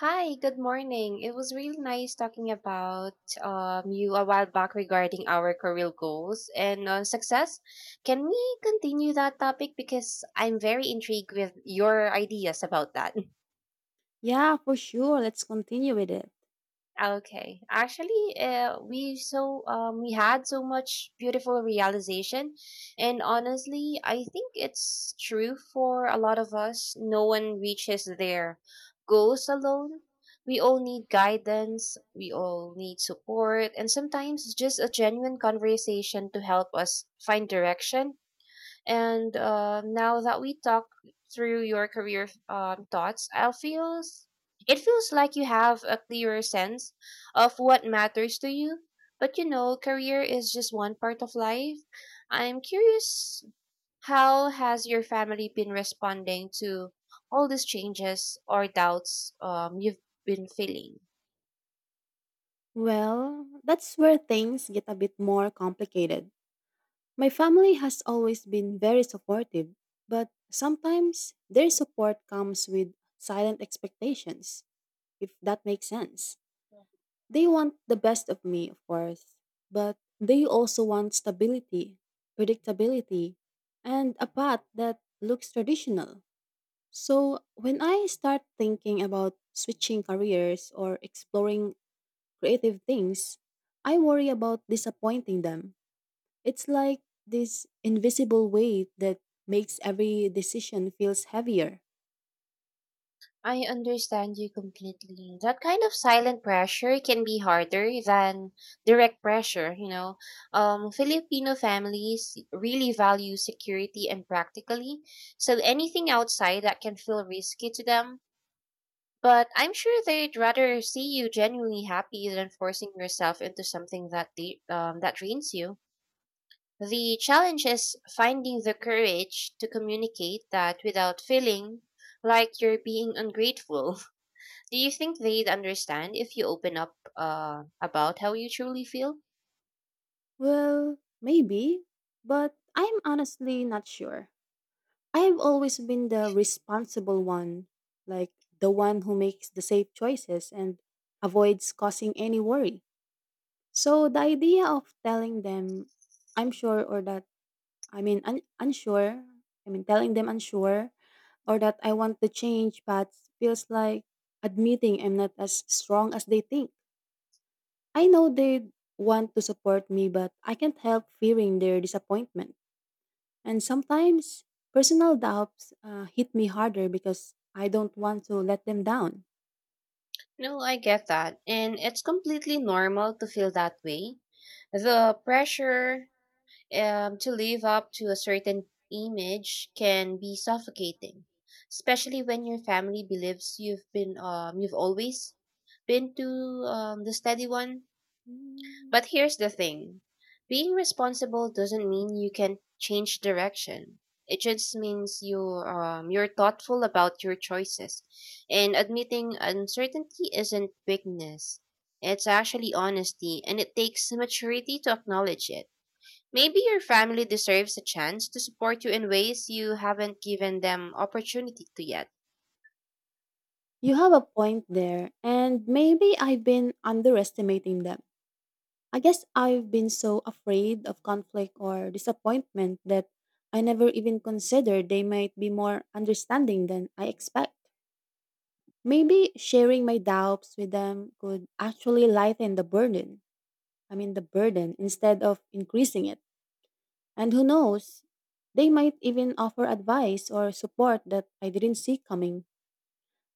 Hi, good morning. It was really nice talking about you a while back regarding our career goals and success. Can we continue that topic because I'm very intrigued with your ideas about that? Yeah, for sure. Let's continue with it. Okay. Actually, we had so much beautiful realization, and honestly, I think it's true for a lot of us. No one reaches their goals alone. We all need guidance. We all need support, and sometimes just a genuine conversation to help us find direction and now that we talk through your career thoughts, I feels it feels like you have a clearer sense of what matters to you. But you know, career is just one part of life. I'm curious, how has your family been responding to all these changes or doubts you've been feeling? Well, that's where things get a bit more complicated. My family has always been very supportive, but sometimes their support comes with silent expectations, if that makes sense. They want the best of me, of course, but they also want stability, predictability, and a path that looks traditional. So when I start thinking about switching careers or exploring creative things, I worry about disappointing them. It's like this invisible weight that makes every decision feels heavier. I understand you completely. That kind of silent pressure can be harder than direct pressure, you know. Filipino families really value security and practically, so anything outside that can feel risky to them. But I'm sure they'd rather see you genuinely happy than forcing yourself into something that that drains you. The challenge is finding the courage to communicate that without feeling like you're being ungrateful. Do you think they'd understand if you open up about how you truly feel? Well, maybe, but I'm honestly not sure. I have always been the responsible one, like the one who makes the safe choices and avoids causing any worry. So the idea of telling them I'm sure or that I mean un- unsure, I mean telling them unsure or that I want to change paths feels like admitting I'm not as strong as they think. I know they want to support me but I can't help fearing their disappointment. And sometimes personal doubts hit me harder because I don't want to let them down. No, I get that. And it's completely normal to feel that way. The pressure to live up to a certain image can be suffocating, especially when your family believes you've always been to the steady one. Mm, But here's the thing, being responsible doesn't mean you can change direction. It just means you're thoughtful about your choices. And admitting uncertainty isn't weakness, it's actually honesty, and it takes maturity to acknowledge it. Maybe your family deserves a chance to support you in ways you haven't given them opportunity to yet. You have a point there, and maybe I've been underestimating them. I guess I've been so afraid of conflict or disappointment that I never even considered they might be more understanding than I expect. Maybe sharing my doubts with them could actually lighten the burden instead of increasing it. And who knows, they might even offer advice or support that I didn't see coming.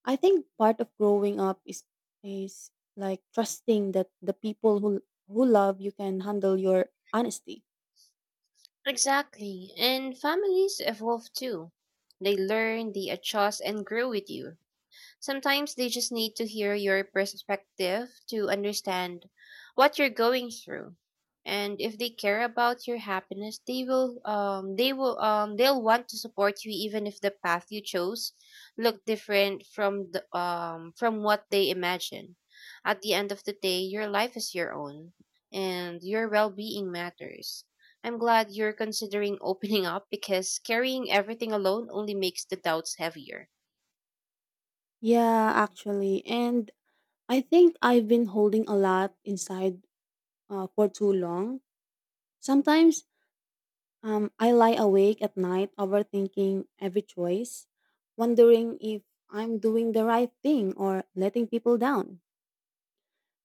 I think part of growing up is like trusting that the people who love you can handle your honesty. Exactly. And families evolve too. They learn, they adjust, and grow with you. Sometimes they just need to hear your perspective to understand what you're going through. And if they care about your happiness, they'll want to support you even if the path you chose look different from the from what they imagine. At the end of the day, your life is your own and your well-being matters. I'm glad you're considering opening up because carrying everything alone only makes the doubts heavier. Yeah, actually. And I think I've been holding a lot inside for too long. Sometimes I lie awake at night overthinking every choice, wondering if I'm doing the right thing or letting people down.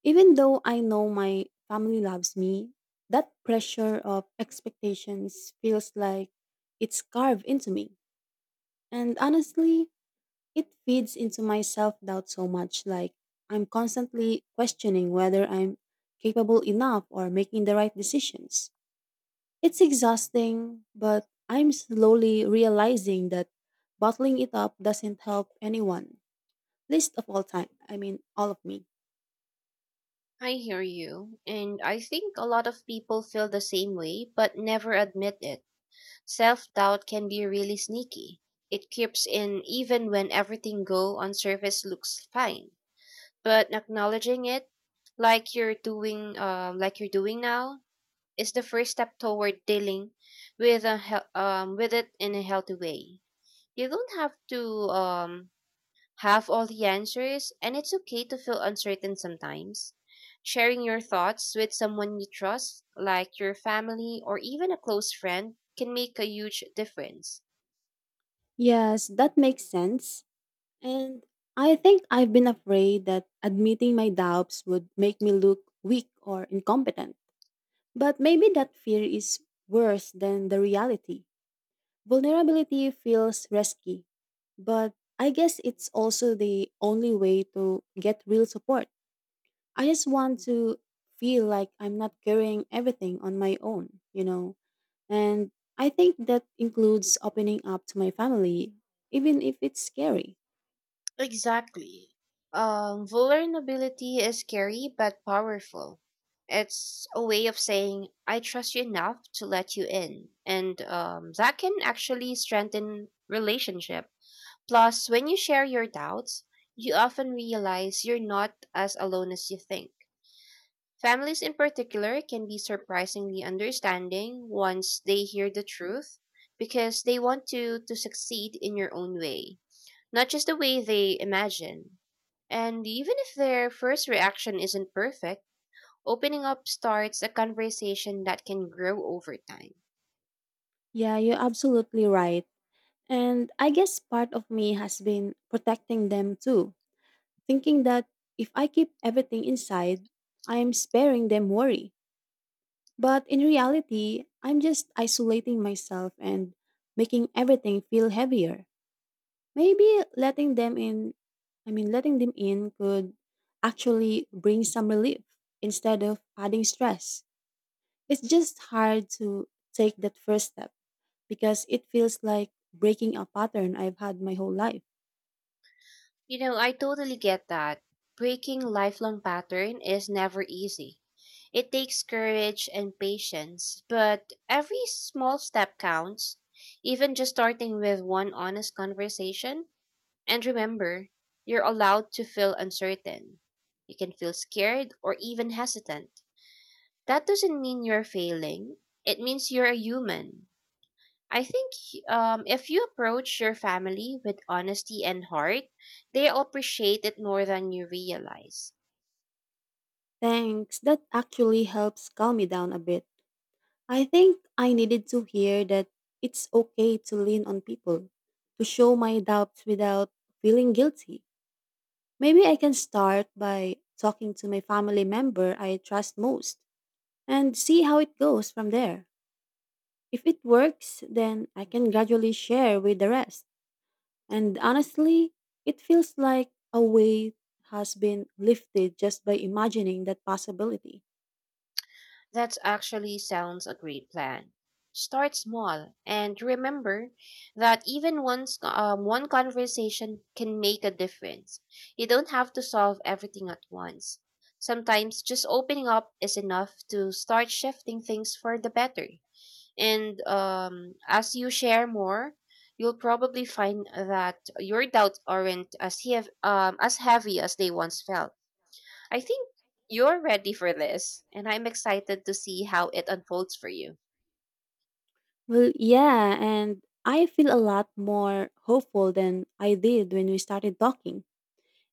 Even though I know my family loves me, that pressure of expectations feels like it's carved into me. And honestly, it feeds into my self doubt so much. Like, I'm constantly questioning whether I'm capable enough or making the right decisions. It's exhausting, but I'm slowly realizing that bottling it up doesn't help anyone, least of all time. I mean, all of me. I hear you. And I think a lot of people feel the same way, but never admit it. Self doubt can be really sneaky. It creeps in even when everything go on surface looks fine. But acknowledging it, like you're doing now, is the first step toward dealing with with it in a healthy way. You don't have to um, have all the answers, and it's okay to feel uncertain sometimes. Sharing your thoughts with someone you trust, like your family or even a close friend, can make a huge difference. Yes, that makes sense. And I think I've been afraid that admitting my doubts would make me look weak or incompetent. But maybe that fear is worse than the reality. Vulnerability feels risky, but I guess it's also the only way to get real support. I just want to feel like I'm not carrying everything on my own, you know? And I think that includes opening up to my family, even if it's scary. Exactly. Vulnerability is scary but powerful. It's a way of saying, I trust you enough to let you in. And that can actually strengthen relationship. Plus, when you share your doubts, you often realize you're not as alone as you think. Families, in particular, can be surprisingly understanding once they hear the truth because they want you to succeed in your own way, not just the way they imagine. And even if their first reaction isn't perfect, opening up starts a conversation that can grow over time. Yeah, you're absolutely right. And I guess part of me has been protecting them too, thinking that if I keep everything inside, I'm sparing them worry. But in reality, I'm just isolating myself and making everything feel heavier. Maybe letting them in could actually bring some relief instead of adding stress. It's just hard to take that first step because it feels like breaking a pattern I've had my whole life. You know, I totally get that. Breaking lifelong pattern is never easy. It takes courage and patience, but every small step counts, even just starting with one honest conversation. And remember, you're allowed to feel uncertain. You can feel scared or even hesitant. That doesn't mean you're failing. It means you're a human. I think if you approach your family with honesty and heart, they appreciate it more than you realize. Thanks. That actually helps calm me down a bit. I think I needed to hear that it's okay to lean on people, to show my doubts without feeling guilty. Maybe I can start by talking to my family member I trust most and see how it goes from there. If it works, then I can gradually share with the rest. And honestly, it feels like a weight has been lifted just by imagining that possibility. That actually sounds a great plan. Start small and remember that even one conversation can make a difference. You don't have to solve everything at once. Sometimes just opening up is enough to start shifting things for the better. And as you share more, you'll probably find that your doubts aren't as heavy as they once felt. I think you're ready for this, and I'm excited to see how it unfolds for you. Well, yeah, and I feel a lot more hopeful than I did when we started talking.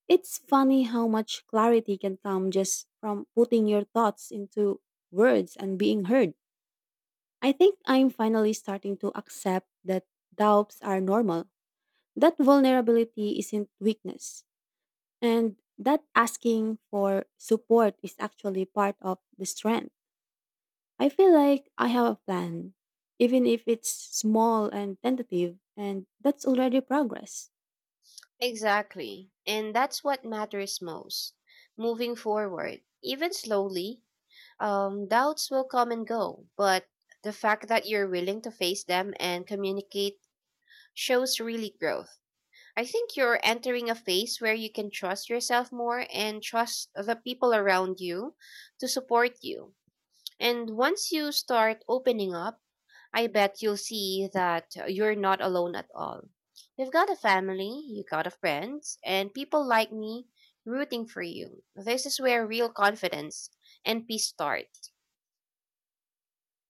It's funny how much clarity can come just from putting your thoughts into words and being heard. I think I'm finally starting to accept that doubts are normal, that vulnerability isn't weakness, and that asking for support is actually part of the strength. I feel like I have a plan, even if it's small and tentative, and that's already progress. Exactly. And that's what matters most. Moving forward, even slowly, doubts will come and go, but the fact that you're willing to face them and communicate shows really growth. I think you're entering a phase where you can trust yourself more and trust the people around you to support you. And once you start opening up, I bet you'll see that you're not alone at all. You've got a family, you've got a friends, and people like me rooting for you. This is where real confidence and peace start.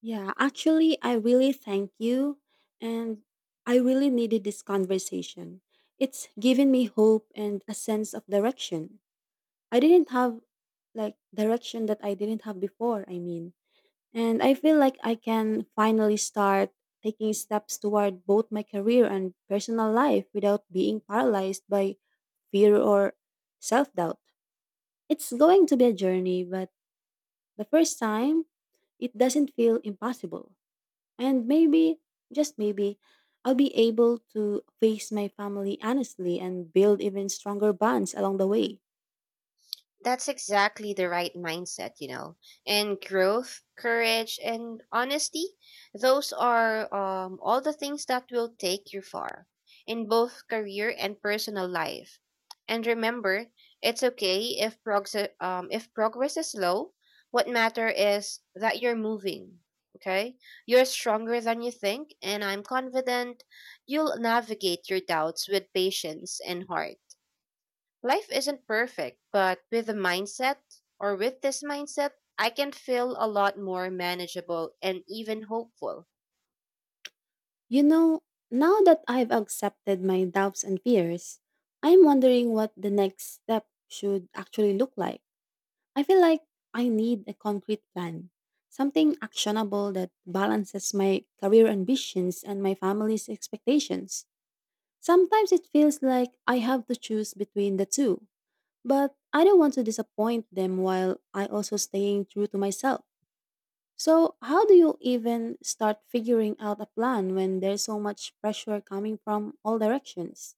Yeah, actually, I really thank you, and I really needed this conversation. It's given me hope and a sense of direction. I didn't have like direction that I didn't have before. And I feel like I can finally start taking steps toward both my career and personal life without being paralyzed by fear or self doubt. It's going to be a journey, but the first time, it doesn't feel impossible. And maybe, just maybe, I'll be able to face my family honestly and build even stronger bonds along the way. That's exactly the right mindset, you know. And growth, courage, and honesty, those are all the things that will take you far in both career and personal life. And remember, it's okay if progress is slow. What matter is that you're moving. Okay, you're stronger than you think, and I'm confident you'll navigate your doubts with patience and heart. Life isn't perfect, but with the mindset or with this mindset, I can feel a lot more manageable and even hopeful. You know, now that I've accepted my doubts and fears, I'm wondering what the next step should actually look like. I feel like I need a concrete plan, something actionable that balances my career ambitions and my family's expectations. Sometimes it feels like I have to choose between the two, but I don't want to disappoint them while I also staying true to myself. So, how do you even start figuring out a plan when there's so much pressure coming from all directions?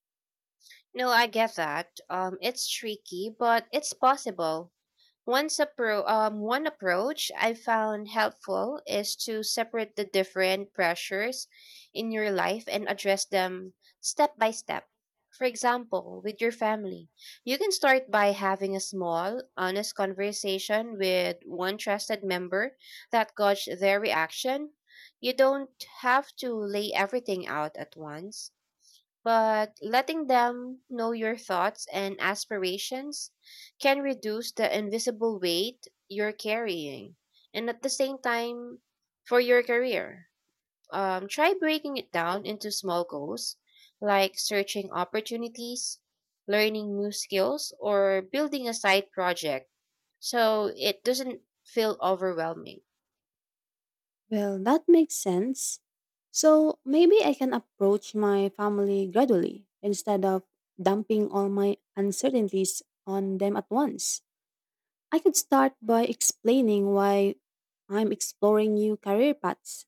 No, I get that. It's tricky, but it's possible. One approach I found helpful is to separate the different pressures in your life and address them step by step. For example, with your family, you can start by having a small, honest conversation with one trusted member that gauge their reaction. You don't have to lay everything out at once but letting them know your thoughts and aspirations can reduce the invisible weight you're carrying. And at the same time, for your career, try breaking it down into small goals like searching opportunities, learning new skills, or building a side project so it doesn't feel overwhelming. Well, that makes sense. So, maybe I can approach my family gradually instead of dumping all my uncertainties on them at once. I could start by explaining why I'm exploring new career paths,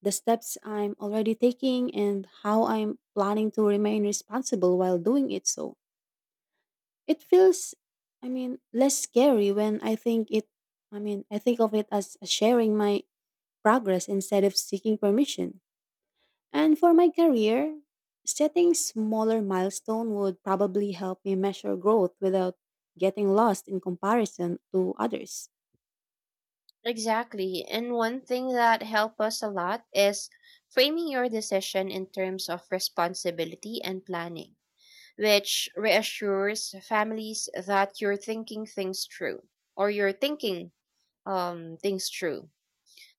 the steps I'm already taking, and how I'm planning to remain responsible while doing it. So it feels, I mean, less scary when I think of it as sharing my progress instead of seeking permission. And for my career, setting smaller milestone would probably help me measure growth without getting lost in comparison to others. Exactly. And one thing that helped us a lot is framing your decision in terms of responsibility and planning, which reassures families that you're thinking things through.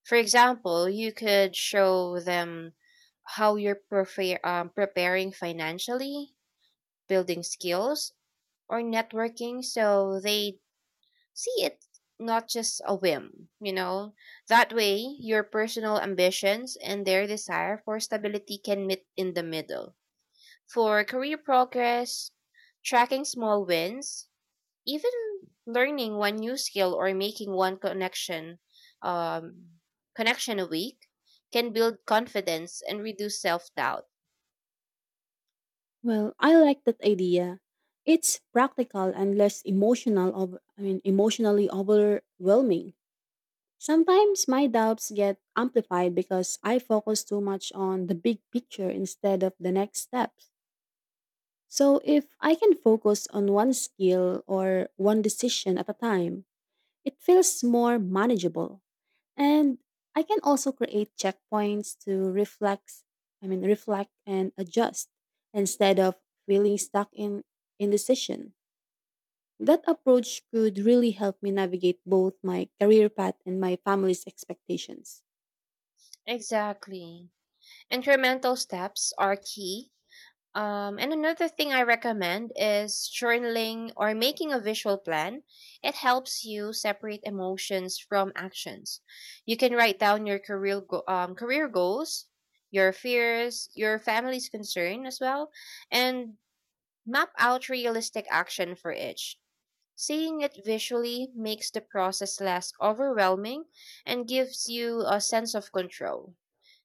For example, you could show them how you're preparing financially, building skills, or networking so they see it not just a whim, you know. That way, your personal ambitions and their desire for stability can meet in the middle. For career progress, tracking small wins even learning one new skill or making one connection um, connection a week can build confidence and reduce self-doubt. Well, I like that idea. It's practical and less emotional of I mean emotionally overwhelming. Sometimes my doubts get amplified because I focus too much on the big picture instead of the next steps. So if I can focus on one skill or one decision at a time, it feels more manageable. And I can also create checkpoints to reflex, I mean reflect and adjust instead of feeling stuck in indecision. That approach could really help me navigate both my career path and my family's expectations. Exactly. Incremental steps are key. And another thing I recommend is journaling or making a visual plan. It helps you separate emotions from actions. You can write down your career goals, your fears, your family's concern as well, and map out realistic action for each. Seeing it visually makes the process less overwhelming and gives you a sense of control.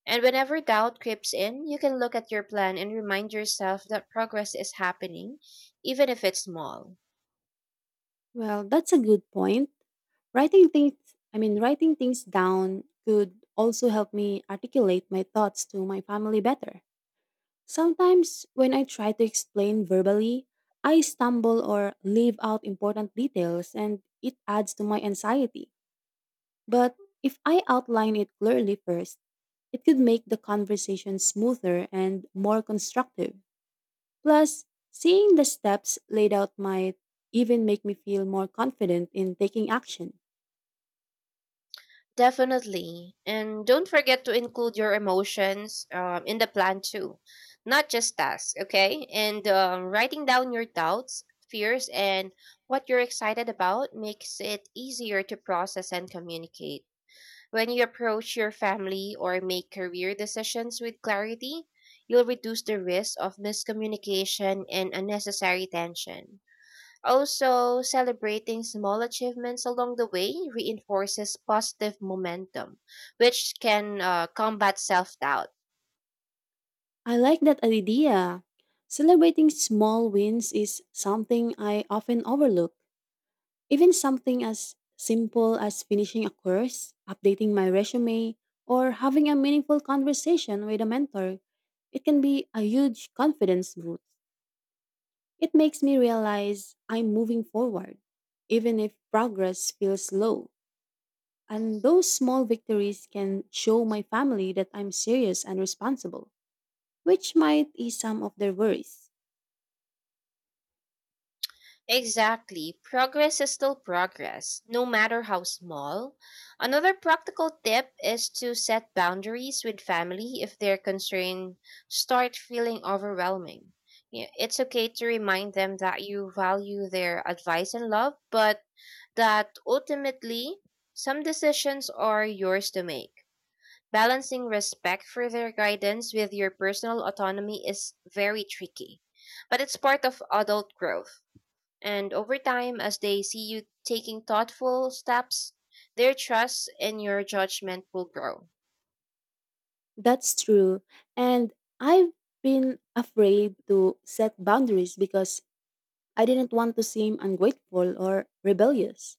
And whenever doubt creeps in, you can look at your plan and remind yourself that progress is happening, even if it's small. Well, that's a good point. Writing things, writing things down could also help me articulate my thoughts to my family better. Sometimes, when I try to explain verbally, I stumble or leave out important details and it adds to my anxiety. But if I outline it clearly first, it could make the conversation smoother and more constructive. Plus, seeing the steps laid out might even make me feel more confident in taking action. Definitely. And don't forget to include your emotions in the plan too, not just tasks, okay? And writing down your doubts, fears, and what you're excited about makes it easier to process and communicate. When you approach your family or make career decisions with clarity, you'll reduce the risk of miscommunication and unnecessary tension. Also, celebrating small achievements along the way reinforces positive momentum, which can combat self doubt. I like that idea. Celebrating small wins is something I often overlook. Even something as simple as finishing a course, updating my resume, or having a meaningful conversation with a mentor, it can be a huge confidence boost. It makes me realize I'm moving forward, even if progress feels slow. And those small victories can show my family that I'm serious and responsible, which might ease some of their worries. Exactly. Progress is still progress, no matter how small. Another practical tip is to set boundaries with family if their concerns start feeling overwhelming. Yeah, it's okay to remind them that you value their advice and love, but that ultimately, some decisions are yours to make. Balancing respect for their guidance with your personal autonomy is very tricky, but it's part of adult growth. And over time, as they see you taking thoughtful steps, their trust in your judgment will grow. That's true. And I've been afraid to set boundaries because I didn't want to seem ungrateful or rebellious.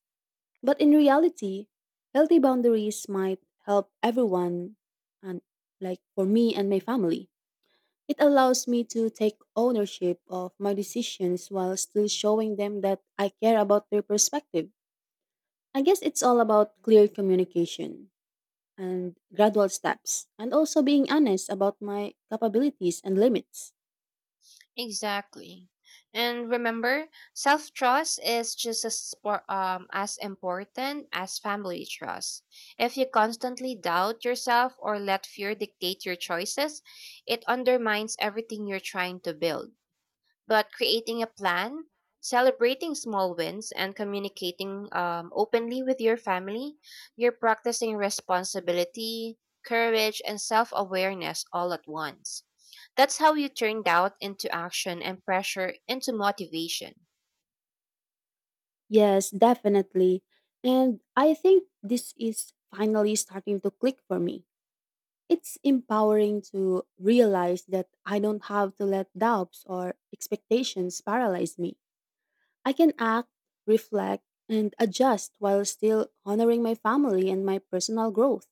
But in reality, healthy boundaries might help everyone and like for me and my family. It allows me to take ownership of my decisions while still showing them that I care about their perspective. I guess it's all about clear communication and gradual steps and also being honest about my capabilities and limits. Exactly. And remember, self trust is just as important as family trust. If you constantly doubt yourself or let fear dictate your choices, it undermines everything you're trying to build. But creating a plan, celebrating small wins, and communicating openly with your family, you're practicing responsibility, courage, and self awareness all at once. That's how you turn doubt into action and pressure into motivation. Yes, definitely. And I think this is finally starting to click for me. It's empowering to realize that I don't have to let doubts or expectations paralyze me. I can act, reflect, and adjust while still honoring my family and my personal growth.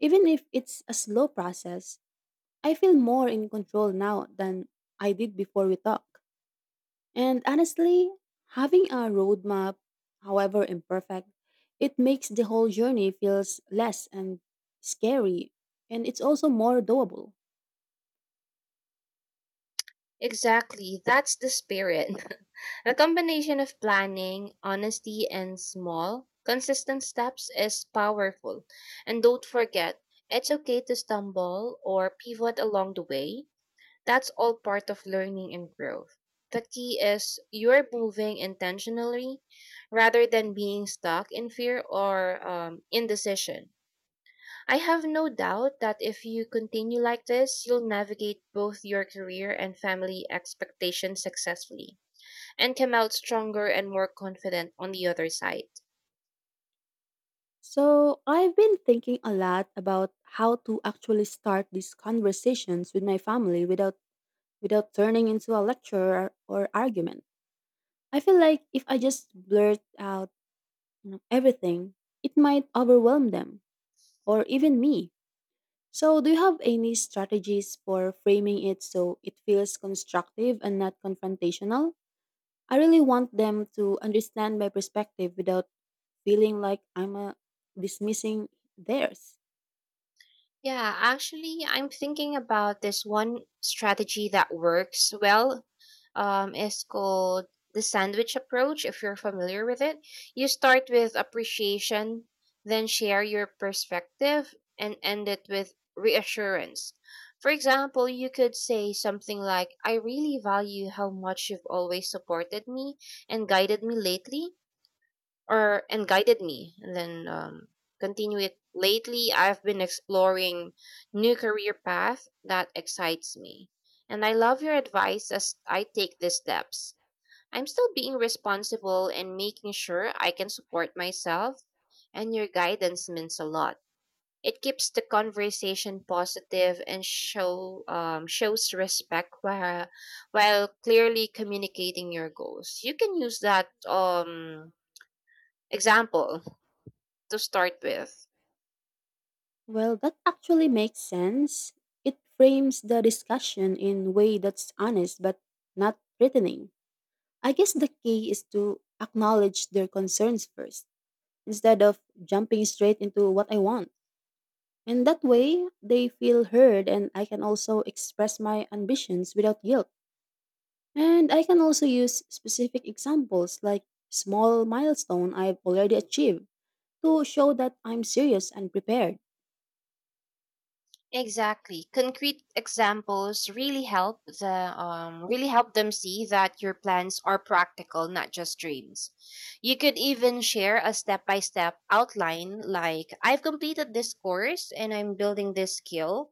Even if it's a slow process, I feel more in control now than I did before we talked. And honestly, having a roadmap, however imperfect, it makes the whole journey feels less and scary and it's also more doable. Exactly. That's the spirit. A combination of planning, honesty, and small, consistent steps is powerful. And don't forget, it's okay to stumble or pivot along the way. That's all part of learning and growth. The key is you're moving intentionally rather than being stuck in fear or indecision. I have no doubt that if you continue like this, you'll navigate both your career and family expectations successfully and come out stronger and more confident on the other side. So, I've been thinking a lot about how to actually start these conversations with my family without turning into a lecture or argument. I feel like if I just blurt out you know, everything, it might overwhelm them or even me. So, do you have any strategies for framing it so it feels constructive and not confrontational? I really want them to understand my perspective without feeling like I'm dismissing theirs. Yeah, actually, I'm thinking about this one strategy that works well, is called the sandwich approach, if you're familiar with it. You start with appreciation, then share your perspective, and end it with reassurance. For example, you could say something like, I really value how much you've always supported me and guided me lately, or and guided me, and then continue it. Lately I've been exploring new career path that excites me, and I love your advice. As I take these steps, I'm still being responsible and making sure I can support myself, and your guidance means a lot. It keeps the conversation positive and shows respect while clearly communicating your goals. You can use that example to start with. Well, that actually makes sense. It frames the discussion in a way that's honest but not threatening. I guess the key is to acknowledge their concerns first instead of jumping straight into what I want. And that way, they feel heard, and I can also express my ambitions without guilt. And I can also use specific examples like small milestone I've already achieved to show that I'm serious and prepared. Exactly. Concrete examples really help the really help them see that your plans are practical, not just dreams. You could even share a step-by-step outline like, I've completed this course and I'm building this skill.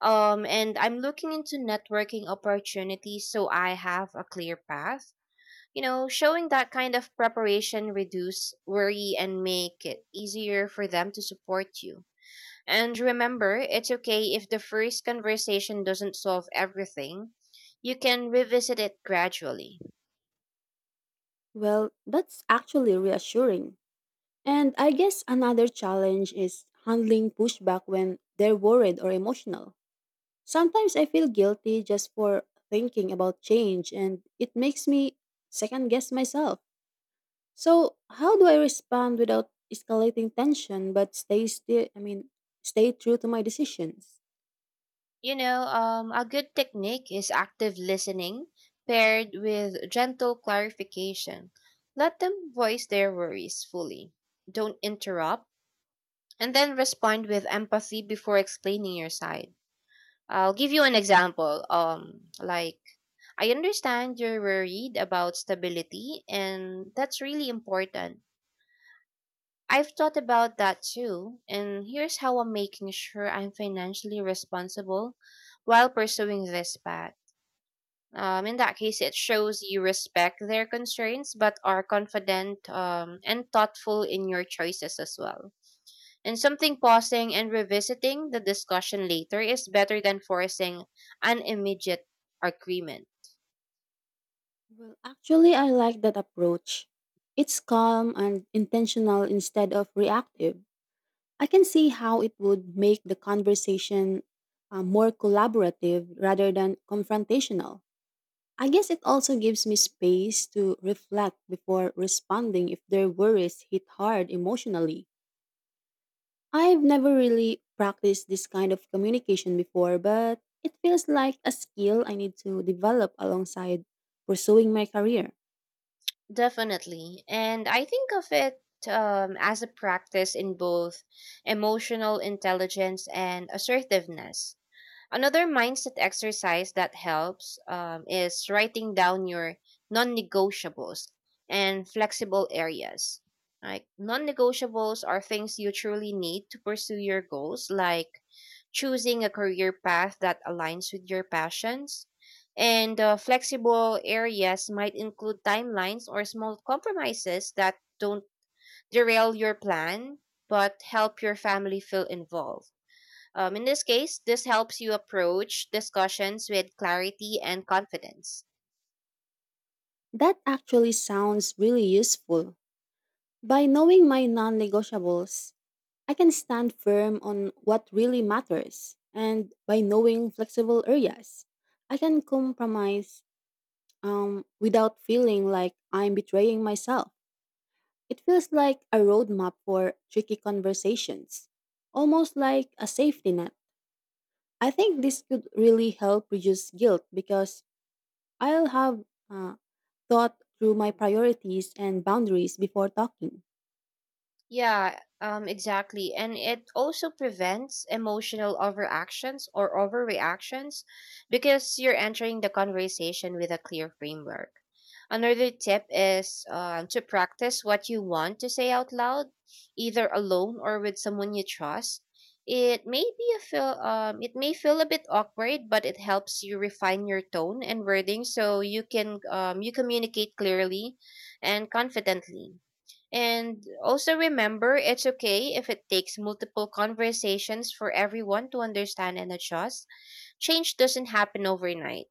And I'm looking into networking opportunities so I have a clear path. You know, showing that kind of preparation reduce worry and make it easier for them to support you. And remember, it's okay if the first conversation doesn't solve everything. You can revisit it gradually. Well, that's actually reassuring. And I guess another challenge is handling pushback when they're worried or emotional. Sometimes I feel guilty just for thinking about change, and it makes me second guess myself. So, how do I respond without escalating tension but stay still, I mean, stay true to my decisions? You know, a good technique is active listening paired with gentle clarification. Let them voice their worries fully. Don't interrupt, and then respond with empathy before explaining your side. I'll give you an example. Like, I understand you're worried about stability, and that's really important. I've thought about that too, and here's how I'm making sure I'm financially responsible while pursuing this path. In that case, it shows you respect their constraints but are confident, and thoughtful in your choices as well. And something pausing and revisiting the discussion later is better than forcing an immediate agreement. Well, actually, I like that approach. It's calm and intentional instead of reactive. I can see how it would make the conversation more collaborative rather than confrontational. I guess it also gives me space to reflect before responding if their worries hit hard emotionally. I've never really practiced this kind of communication before, but it feels like a skill I need to develop alongside pursuing my career. Definitely. And I think of it, as a practice in both emotional intelligence and assertiveness. Another mindset exercise that helps is writing down your non negotiables and flexible areas. Like non negotiables are things you truly need to pursue your goals, like choosing a career path that aligns with your passions. And flexible areas might include timelines or small compromises that don't derail your plan but help your family feel involved. In this case, this helps you approach discussions with clarity and confidence. That actually sounds really useful. By knowing my non negotiables, I can stand firm on what really matters. And by knowing flexible areas, I can compromise without feeling like I'm betraying myself. It feels like a roadmap for tricky conversations, almost like a safety net. I think this could really help reduce guilt because I'll have uh, thought through my priorities and boundaries before talking. Yeah, exactly. And it also prevents emotional overactions or overreactions because you're entering the conversation with a clear framework. Another tip is to practice what you want to say out loud, either alone or with someone you trust. It may feel a bit awkward, but it helps you refine your tone and wording so you communicate clearly and confidently. And also remember, it's okay if it takes multiple conversations for everyone to understand and adjust. Change doesn't happen overnight.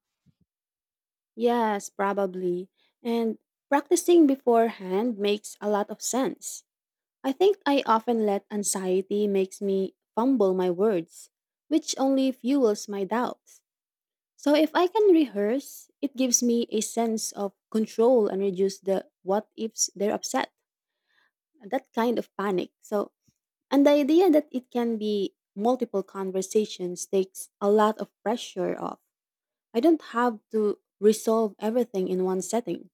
Yes, probably. And practicing beforehand makes a lot of sense. I think I often let anxiety makes me fumble my words, which only fuels my doubts. So if I can rehearse, it gives me a sense of control and reduce the what ifs they're upset, that kind of panic. So, and the idea that it can be multiple conversations takes a lot of pressure off. I don't have to resolve everything in one setting.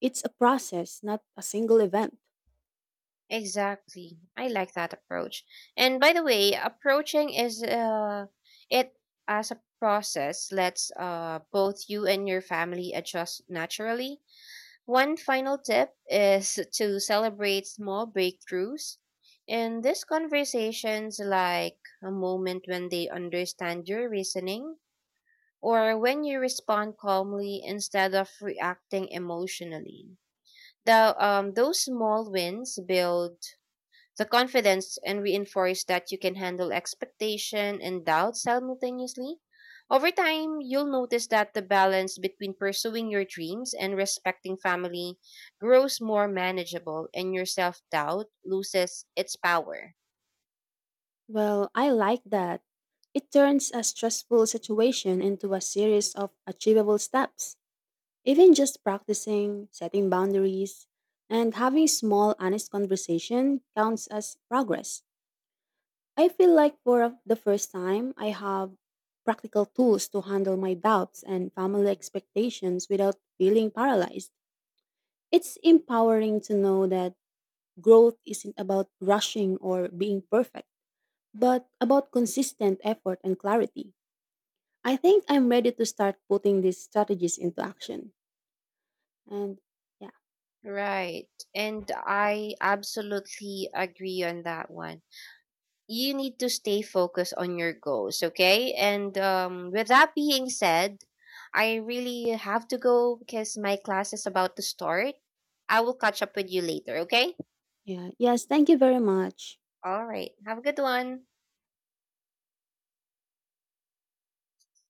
It's a process, not a single event. Exactly. I like that approach. And by the way, approaching is it as a process lets both you and your family adjust naturally. One final tip is to celebrate small breakthroughs. In these conversations, like a moment when they understand your reasoning or when you respond calmly instead of reacting emotionally. Those small wins build the confidence and reinforce that you can handle expectation and doubt simultaneously. Over time, you'll notice that the balance between pursuing your dreams and respecting family grows more manageable and your self doubt loses its power. Well, I like that. It turns a stressful situation into a series of achievable steps. Even just practicing, setting boundaries, and having small, honest conversation counts as progress. I feel like for the first time, I have practical tools to handle my doubts and family expectations without feeling paralyzed. It's empowering to know that growth isn't about rushing or being perfect, but about consistent effort and clarity. I think I'm ready to start putting these strategies into action. And yeah. Right. And I absolutely agree on that one. You need to stay focused on your goals, okay? And with that being said, I really have to go because my class is about to start. I will catch up with you later, okay? Yeah. Yes. Thank you very much. All right. Have a good one.